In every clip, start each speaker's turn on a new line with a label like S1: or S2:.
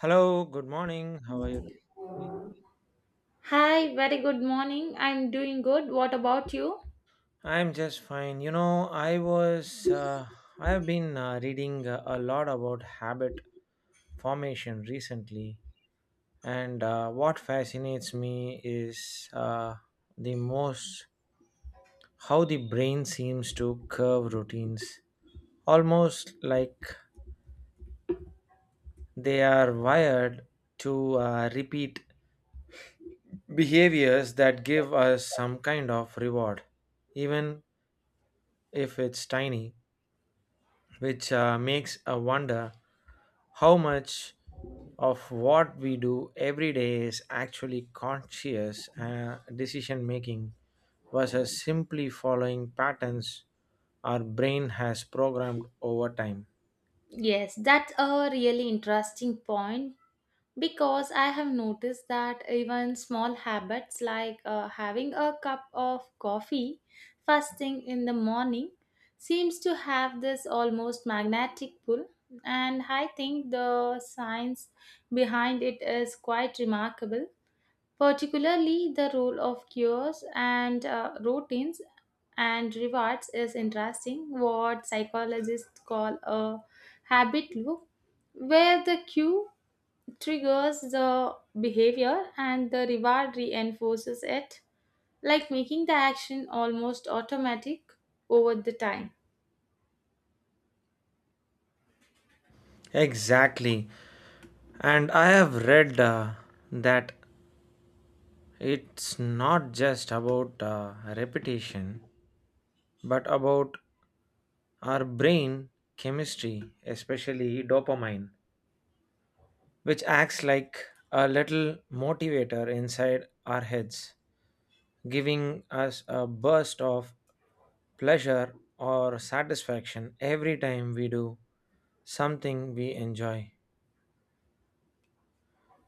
S1: Hello, good morning. How are you doing?
S2: Hi, very good morning. I'm doing good. What about you?
S1: I'm just fine. I was, I have been reading a lot about habit formation recently, and what fascinates me is the most how the brain seems to curve routines, almost like they are wired to repeat behaviors that give us some kind of reward, even if it's tiny, which makes a wonder how much of what we do every day is actually conscious decision making versus simply following patterns our brain has programmed over time.
S2: Yes, that's a really interesting point because I have noticed that even small habits like having a cup of coffee first thing in the morning seems to have this almost magnetic pull, and I think the science behind it is quite remarkable, particularly the role of cures and routines and rewards is interesting what psychologists call a habit loop where the cue triggers the behavior and the reward reinforces it, like making the action almost automatic over the time.
S1: Exactly. And I have read that it's not just about repetition, but about our brain chemistry, especially dopamine, which acts like a little motivator inside our heads, giving us a burst of pleasure or satisfaction every time we do something we enjoy,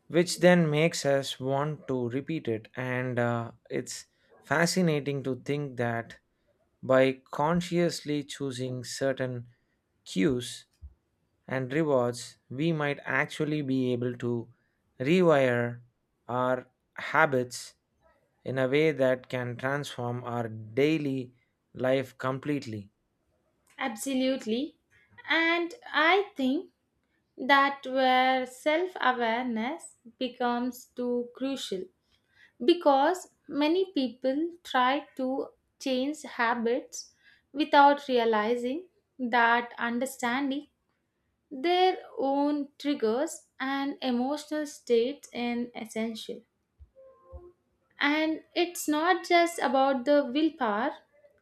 S1: which then makes us want to repeat it. And it's fascinating to think that by consciously choosing certain cues and rewards, we might actually be able to rewire our habits in a way that can transform our daily life completely.
S2: Absolutely, and I think that where self awareness becomes too crucial because many people try to change habits without realizing that understanding their own triggers and emotional states is essential, and it's not just about the willpower,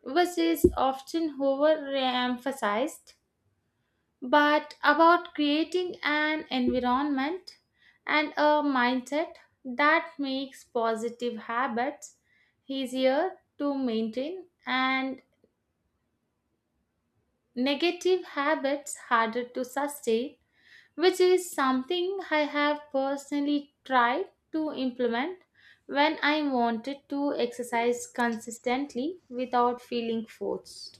S2: which is often overemphasized, but about creating an environment and a mindset that makes positive habits easier to maintain and negative habits harder to sustain, which is something I have personally tried to implement when I wanted to exercise consistently without feeling forced.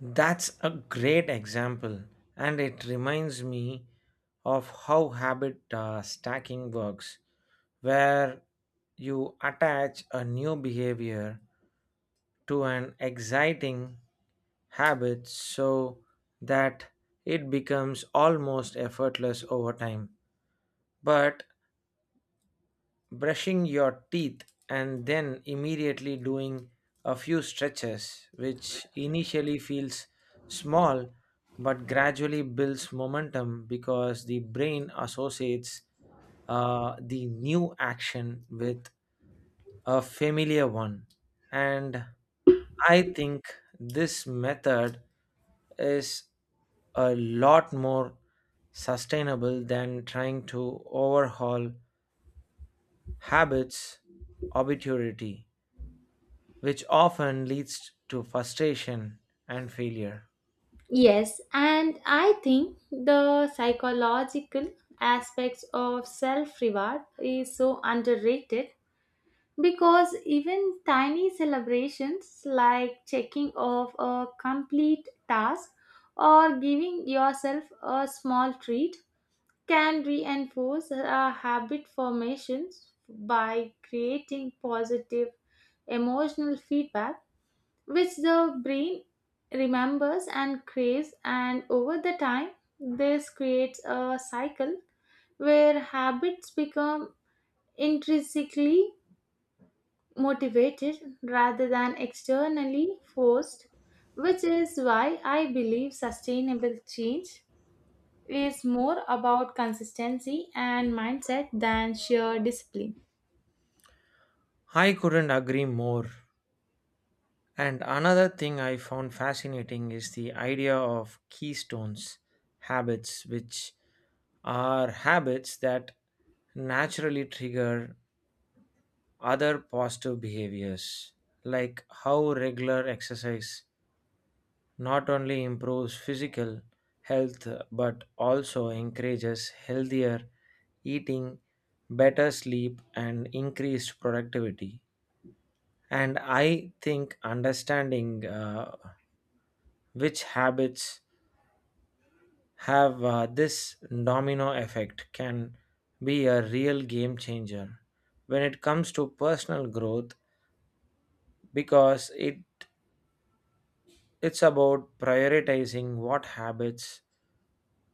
S1: That's a great example, and it reminds me of how habit stacking works, where you attach a new behavior to an exciting habits so that it becomes almost effortless over time. But brushing your teeth and then immediately doing a few stretches, which initially feels small but gradually builds momentum because the brain associates the new action with a familiar one. And I think this method is a lot more sustainable than trying to overhaul habits arbitrarily, which often leads to frustration and failure.
S2: Yes, and I think the psychological aspects of self reward is so underrated because even tiny celebrations like checking off a complete task or giving yourself a small treat can reinforce a habit formations by creating positive emotional feedback which the brain remembers and craves, and over the time this creates a cycle where habits become intrinsically motivated rather than externally forced, which is why I believe sustainable change is more about consistency and mindset than sheer discipline.
S1: I couldn't agree more. And another thing I found fascinating is the idea of keystones habits, which are habits that naturally trigger other positive behaviors, like how regular exercise not only improves physical health but also encourages healthier eating, better sleep, and increased productivity. And I think understanding which habits have this domino effect can be a real game changer when it comes to personal growth because it's about prioritizing what habits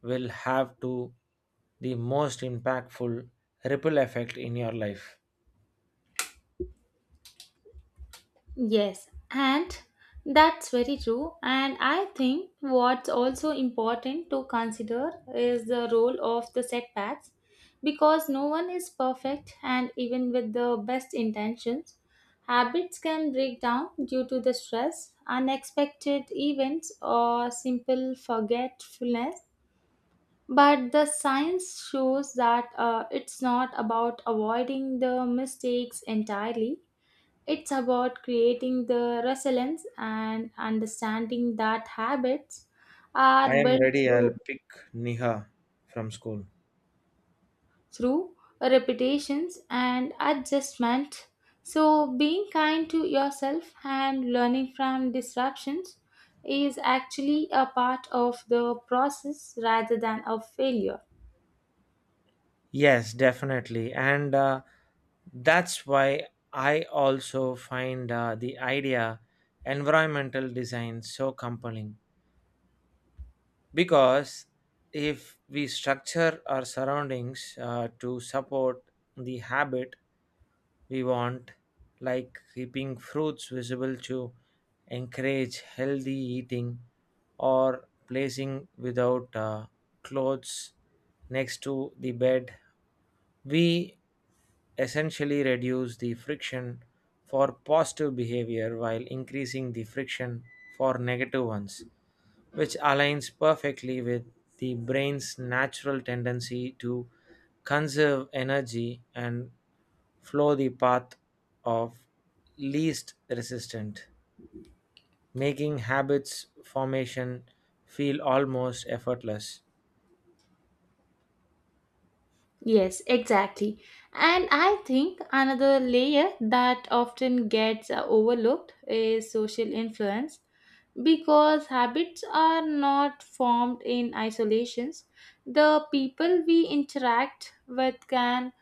S1: will have to the most impactful ripple effect in your life.
S2: Yes, and that's very true. And I think what's also important to consider is the role of the setbacks because no one is perfect, and even with the best intentions, habits can break down due to the stress, unexpected events, or simple forgetfulness. But the science shows that it's not about avoiding the mistakes entirely, it's about creating the resilience and understanding that habits
S1: I
S2: are
S1: am
S2: built
S1: ready. I'll
S2: through,
S1: pick Niha from school.
S2: through repetitions and adjustment. So, being kind to yourself and learning from disruptions is actually a part of the process rather than a failure.
S1: Yes, definitely. And that's why I also find the idea environmental design so compelling because if we structure our surroundings to support the habit we want, like keeping fruits visible to encourage healthy eating or placing without clothes next to the bed. We essentially reduce the friction for positive behavior while increasing the friction for negative ones, which aligns perfectly with the brain's natural tendency to conserve energy and follow the path of least resistance, making habits formation feel almost effortless.
S2: Yes, exactly. And I think another layer that often gets overlooked is social influence because habits are not formed in isolations. The people we interact with can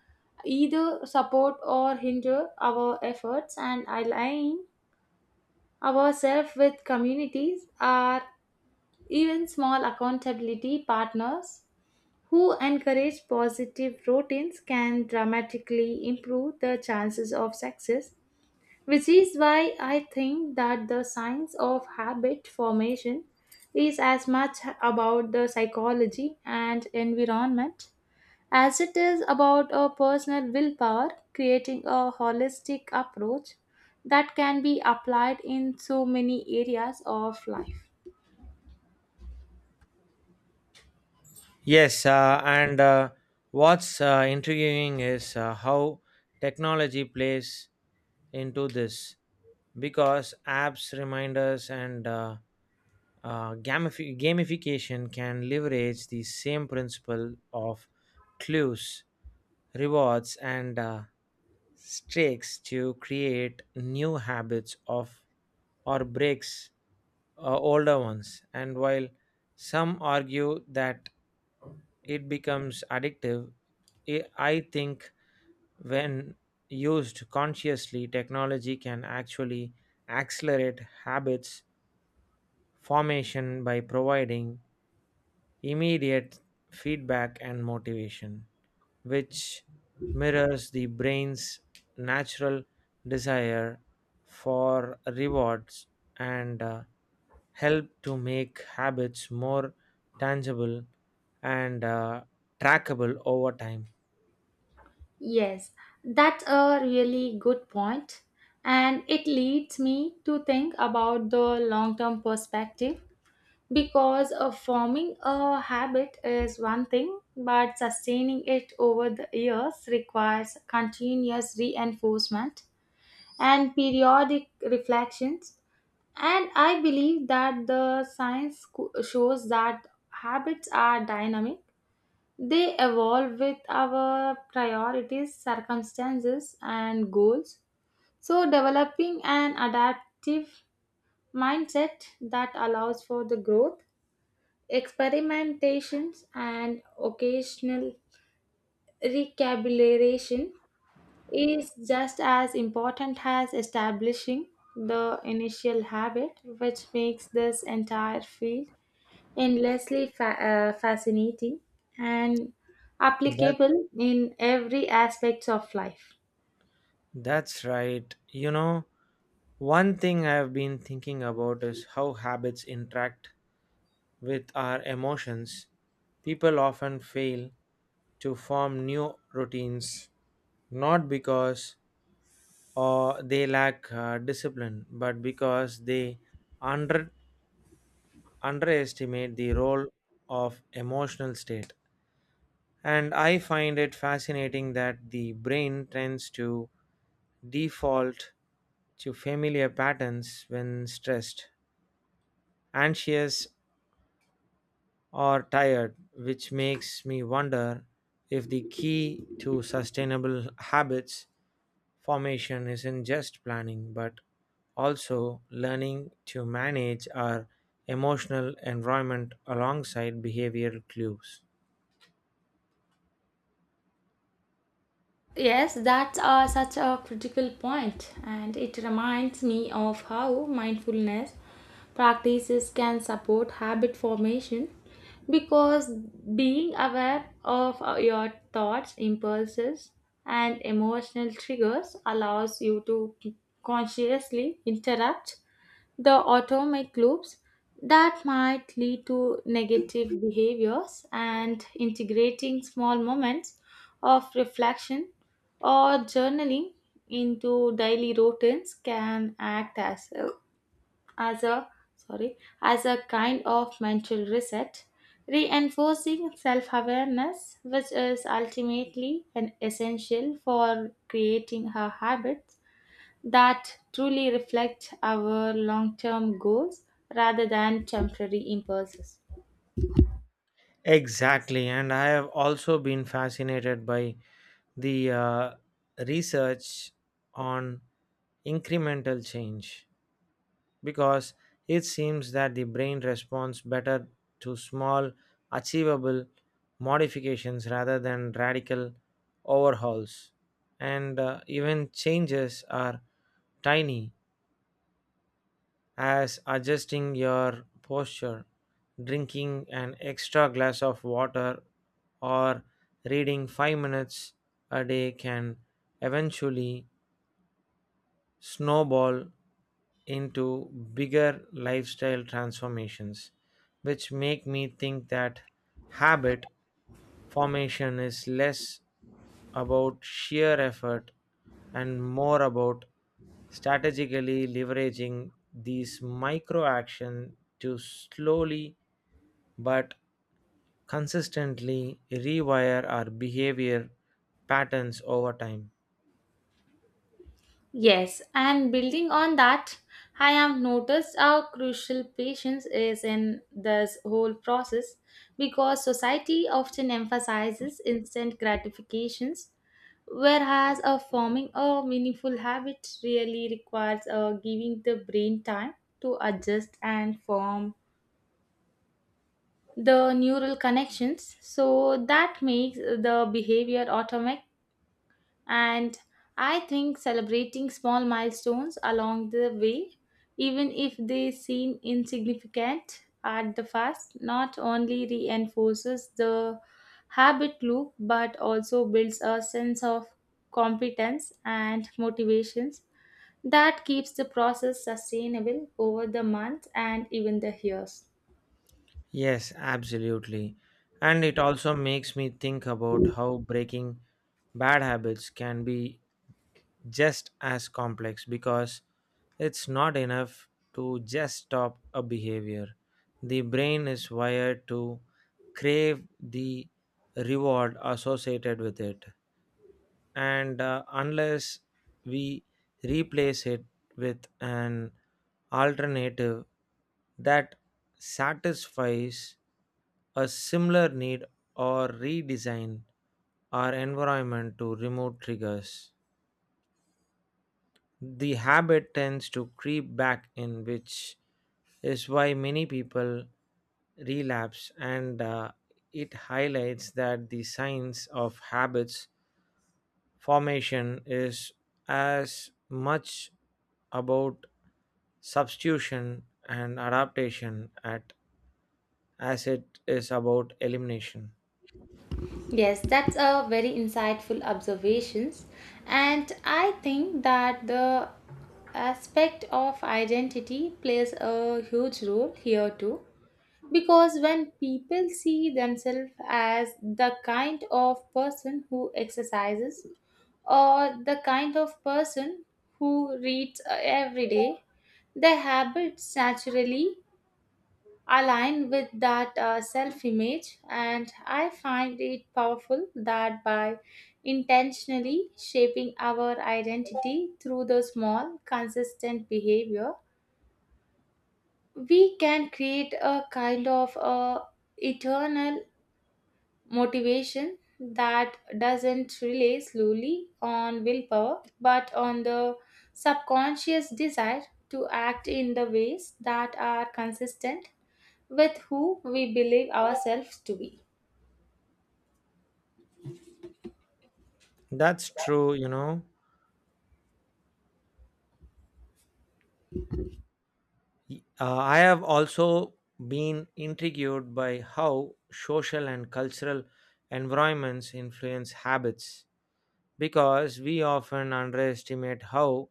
S2: either support or hinder our efforts, and align ourselves with communities are even small accountability partners who encourage positive routines can dramatically improve the chances of success, which is why I think that the science of habit formation is as much about the psychology and environment as it is about a personal willpower, creating a holistic approach that can be applied in so many areas of life.
S1: Yes, and what's intriguing is how technology plays into this because apps, reminders, and gamification can leverage the same principle of clues, rewards, and streaks to create new habits of or breaks older ones, and while some argue that it becomes addictive, I think when used consciously, technology can actually accelerate habits formation by providing immediate feedback and motivation, which mirrors the brain's natural desire for rewards and help to make habits more tangible and trackable over time.
S2: Yes, that's a really good point, and it leads me to think about the long term perspective because forming a habit is one thing, but sustaining it over the years requires continuous reinforcement and periodic reflections. And I believe that the shows that habits are dynamic, they evolve with our priorities, circumstances, and goals. So, developing an adaptive mindset that allows for the growth, experimentations, and occasional recalibration is just as important as establishing the initial habit, which makes this entire field endlessly fascinating and
S1: That
S2: applicable in every aspect of life.
S1: that's right. One thing I've been thinking about is how habits interact with our emotions. People often fail to form new routines, not because or they lack discipline, but because they under, underestimate the role of emotional state. And I find it fascinating that the brain tends to default to familiar patterns when stressed, anxious, or tired, which makes me wonder if the key to sustainable habits formation isn't just planning, but also learning to manage our emotional environment alongside behavioral clues.
S2: Yes, that's such a critical point, and it reminds me of how mindfulness practices can support habit formation because being aware of your thoughts, impulses, and emotional triggers allows you to consciously interrupt the automic loops that might lead to negative behaviors, and integrating small moments of reflection or journaling into daily routines can act as a sorry as a kind of mental reset, reinforcing self-awareness, which is ultimately an essential for creating a habit that truly reflect our long term goals rather than temporary impulses.
S1: Exactly, and I have also been fascinated by the research on incremental change, because it seems that the brain responds better to small, achievable modifications rather than radical overhauls. And even changes are tiny, as adjusting your posture, drinking an extra glass of water, or reading 5 minutes a day can eventually snowball into bigger lifestyle transformations, which make me think that habit formation is less about sheer effort and more about strategically leveraging these micro action to slowly but consistently rewire our behavior patterns over time.
S2: Yes, and building on that, I have noticed how crucial patience is in this whole process because society often emphasizes instant gratifications, whereas a forming a meaningful habit really requires giving the brain time to adjust and form the neural connections so that makes the behavior automatic. And I think celebrating small milestones along the way, even if they seem insignificant at the first, not only reinforces the habit loop but also builds a sense of competence and motivations that keeps the process sustainable over the months and even the years.
S1: Yes, absolutely. And it also makes me think about how breaking bad habits can be just as complex because it's not enough to just stop a behavior. The brain is wired to crave the reward associated with it, and unless we replace it with an alternative that satisfies a similar need or redesign our environment to remove triggers, the habit tends to creep back in, which is why many people relapse, and it highlights that the science of habits formation is as much about substitution and adaptation at as it is about elimination.
S2: Yes, that's a very insightful observations, and I think that the aspect of identity plays a huge role here too because when people see themselves as the kind of person who exercises or the kind of person who reads every day, their habits naturally align with that self image, and I find it powerful that by intentionally shaping our identity through the small consistent behavior we can create a kind of a eternal motivation that doesn't rely solely on willpower but on the subconscious desire to act in the ways that are consistent with who we believe ourselves to be.
S1: That's true, I have also been intrigued by how social and cultural environments influence habits because we often underestimate how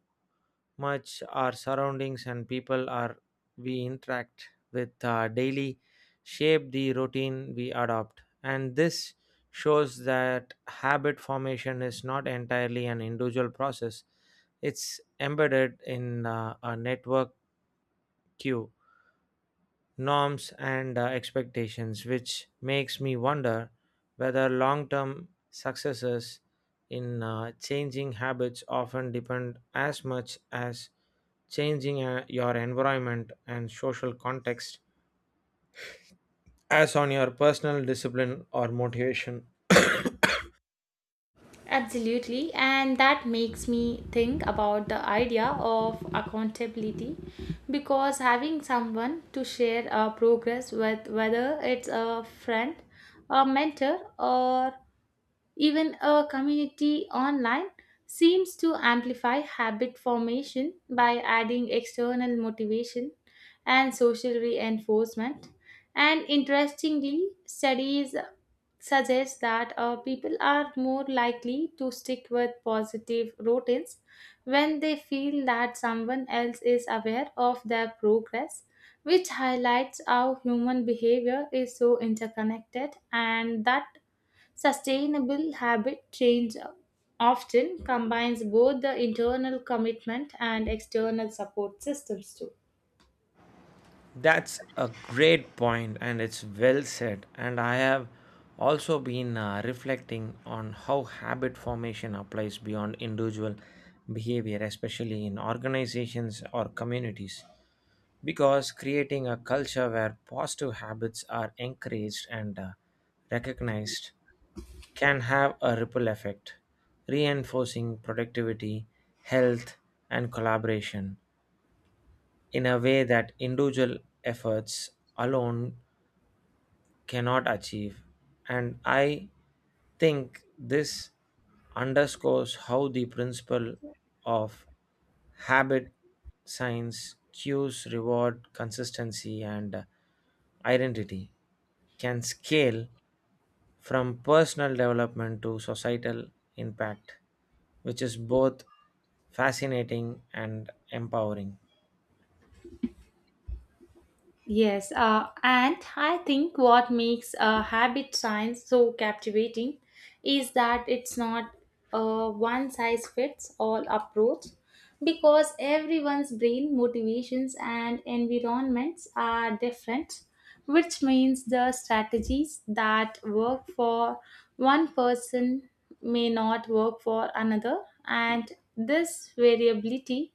S1: much our surroundings and people are we interact with daily shape the routine we adopt, and this shows that habit formation is not entirely an individual process. It's embedded in a network queue norms and expectations, which makes me wonder whether long-term successes in changing habits often depend as much as changing your environment and social context as on your personal discipline or motivation.
S2: Absolutely, and that makes me think about the idea of accountability because having someone to share our progress with, whether it's a friend, a mentor, or even a community online, seems to amplify habit formation by adding external motivation and social reinforcement. And interestingly, studies suggest that people are more likely to stick with positive routines when they feel that someone else is aware of their progress, which highlights how human behavior is so interconnected, and that sustainable habit change often combines both the internal commitment and external support systems too.
S1: That's a great point and it's well said, and I have also been reflecting on how habit formation applies beyond individual behavior, especially in organizations or communities, because creating a culture where positive habits are encouraged and recognized can have a ripple effect, reinforcing productivity, health, and collaboration in a way that individual efforts alone cannot achieve. And I think this underscores how the principle of habit science cues reward consistency and identity can scale from personal development to societal impact, which is both fascinating and empowering.
S2: Yes, and I think what makes habit science so captivating is that it's not a one size fits all approach because everyone's brain motivations and environments are different, which means the strategies that work for one person may not work for another, and this variability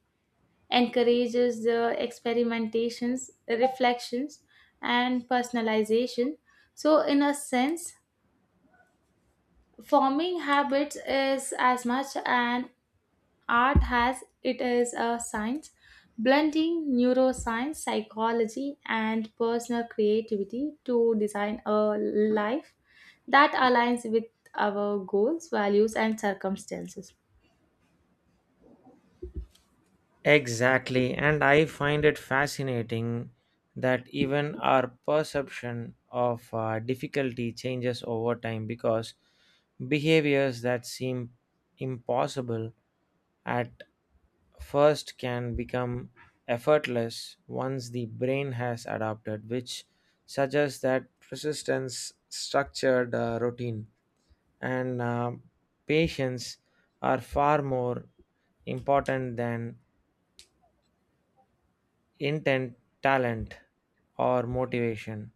S2: encourages the experimentations, reflections, and personalization. So, in a sense, forming habits is as much an art as it is a science, blending neuroscience, psychology, and personal creativity to design a life that aligns with our goals, values, and circumstances.
S1: Exactly, and I find it fascinating that even our perception of difficulty changes over time because behaviors that seem impossible at first can become effortless once the brain has adapted, which suggests that persistence structured routine and patience are far more important than intent, talent, or motivation.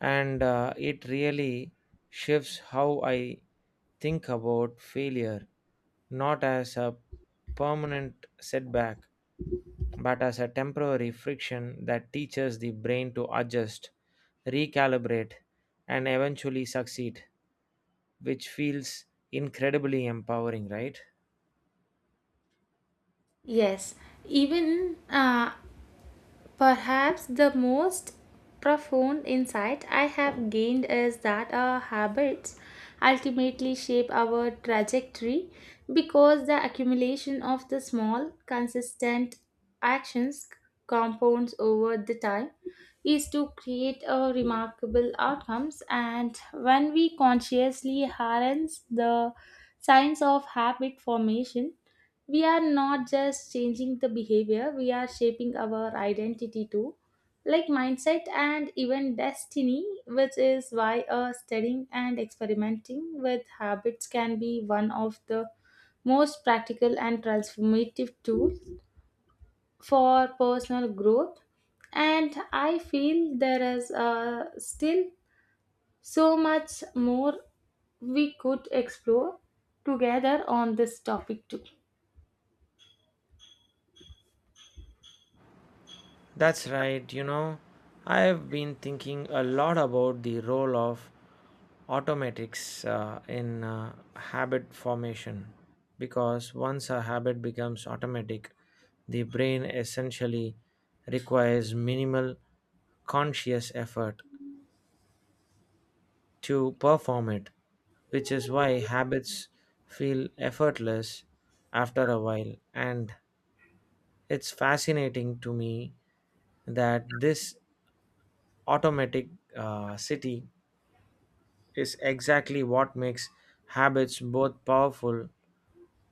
S1: And it really shifts how I think about failure, not as a permanent setback, but as a temporary friction that teaches the brain to adjust, recalibrate, and eventually succeed, which feels incredibly empowering, right?
S2: Yes, even perhaps the most profound insight I have gained is that our habits ultimately shape our trajectory because the accumulation of the small, consistent actions compounds over the time is to create a remarkable outcomes, and when we consciously harness the science of habit formation we are not just changing the behavior, we are shaping our identity too, like mindset and even destiny, which is why studying and experimenting with habits can be one of the most practical and transformative tools for personal growth. And I feel there is still so much more we could explore together on this topic too.
S1: That's right. I've been thinking a lot about the role of automatics in habit formation because once a habit becomes automatic, the brain essentially requires minimal conscious effort to perform it, which is why habits feel effortless after a while. And it's fascinating to me that this automatic city is exactly what makes habits both powerful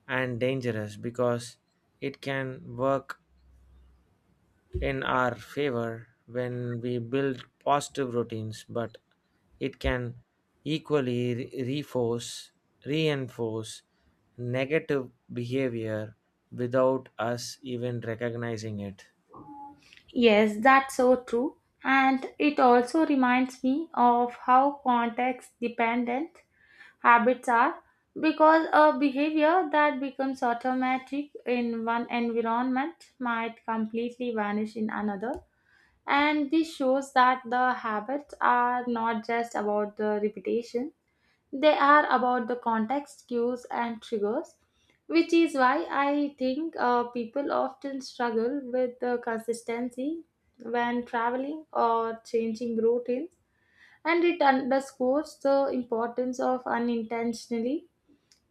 S1: and dangerous because it can work in our favor when we build positive routines, but it can equally reinforce negative behavior without us even recognizing it.
S2: Yes, that's so true. And it also reminds me of how context dependent habits are because a behavior that becomes automatic in one environment might completely vanish in another. And this shows that the habits are not just about the repetition, they are about the context, cues, and triggers, which is why I think people often struggle with the consistency when traveling or changing routines. And it underscores the importance of unintentionally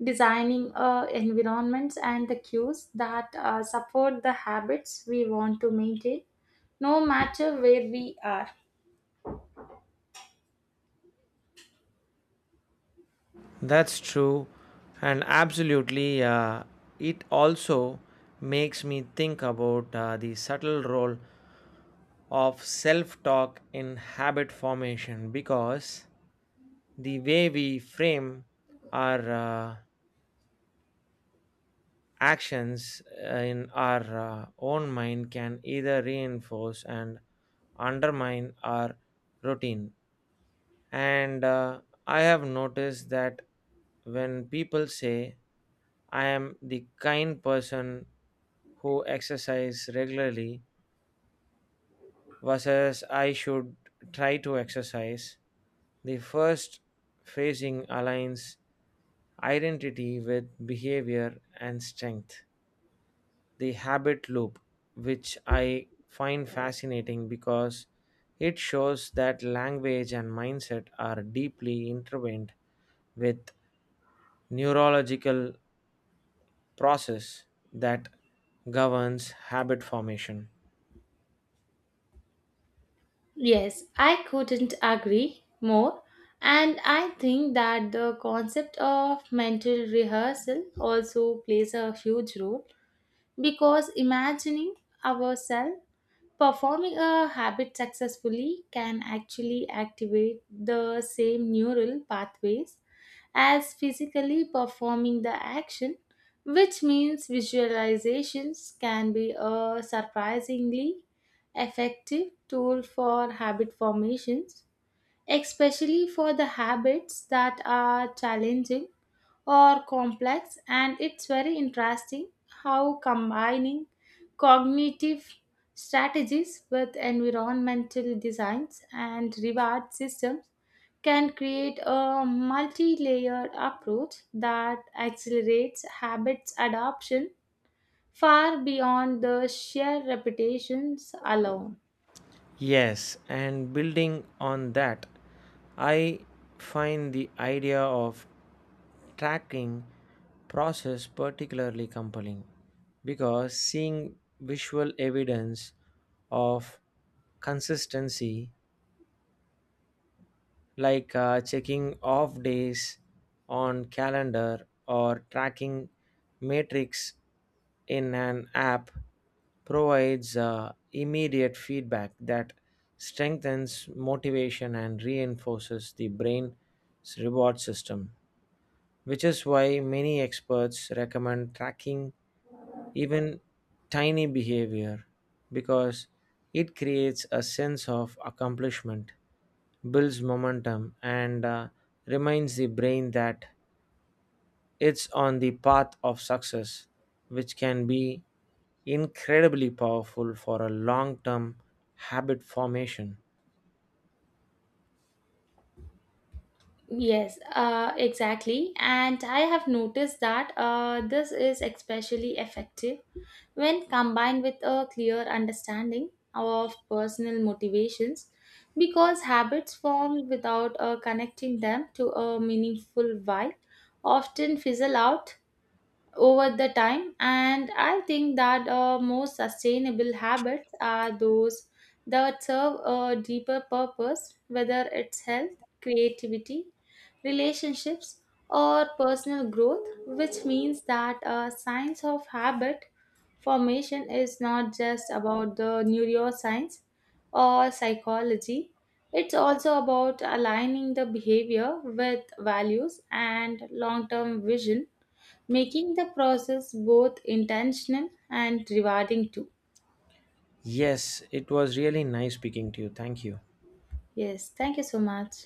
S2: designing environments and the cues that support the habits we want to maintain, no matter where we are.
S1: That's true, and absolutely, it also makes me think about the subtle role of self talk in habit formation because the way we frame our actions in our own mind can either reinforce and undermine our routine. And I have noticed that when people say, I am the kind person who exercise regularly versus I should try to exercise. The first phasing aligns identity with behavior and strength. The habit loop, which I find fascinating because it shows that language and mindset are deeply intertwined with neurological process that governs habit formation.
S2: Yes, I couldn't agree more. And I think that the concept of mental rehearsal also plays a huge role because imagining ourselves performing a habit successfully can actually activate the same neural pathways as physically performing the action, which means visualizations can be a surprisingly effective tool for habit formations, especially for the habits that are challenging or complex. And it's very interesting how combining cognitive strategies with environmental designs and reward systems can create a multi-layered approach that accelerates habits adoption far beyond the sheer reputations alone.
S1: Yes, and building on that, I find the idea of tracking process particularly compelling because seeing visual evidence of consistency like checking off days on calendar or tracking metrics in an app provides immediate feedback that strengthens motivation and reinforces the brain's reward system, which is why many experts recommend tracking even tiny behavior because it creates a sense of accomplishment, builds momentum, and reminds the brain that it's on the path of success, which can be incredibly powerful for a long term habit formation.
S2: Yes, exactly. And I have noticed that this is especially effective when combined with a clear understanding of personal motivations because habits formed without connecting them to a meaningful why often fizzle out over the time. And I think that most sustainable habits are those that serve a deeper purpose, whether it's health, creativity, relationships, or personal growth, which means that a science of habit formation is not just about the neuroscience or psychology, it's also about aligning the behavior with values and long-term vision, making the process both intentional and rewarding too.
S1: Yes, it was really nice speaking to you. Thank you.
S2: Yes, thank you so much.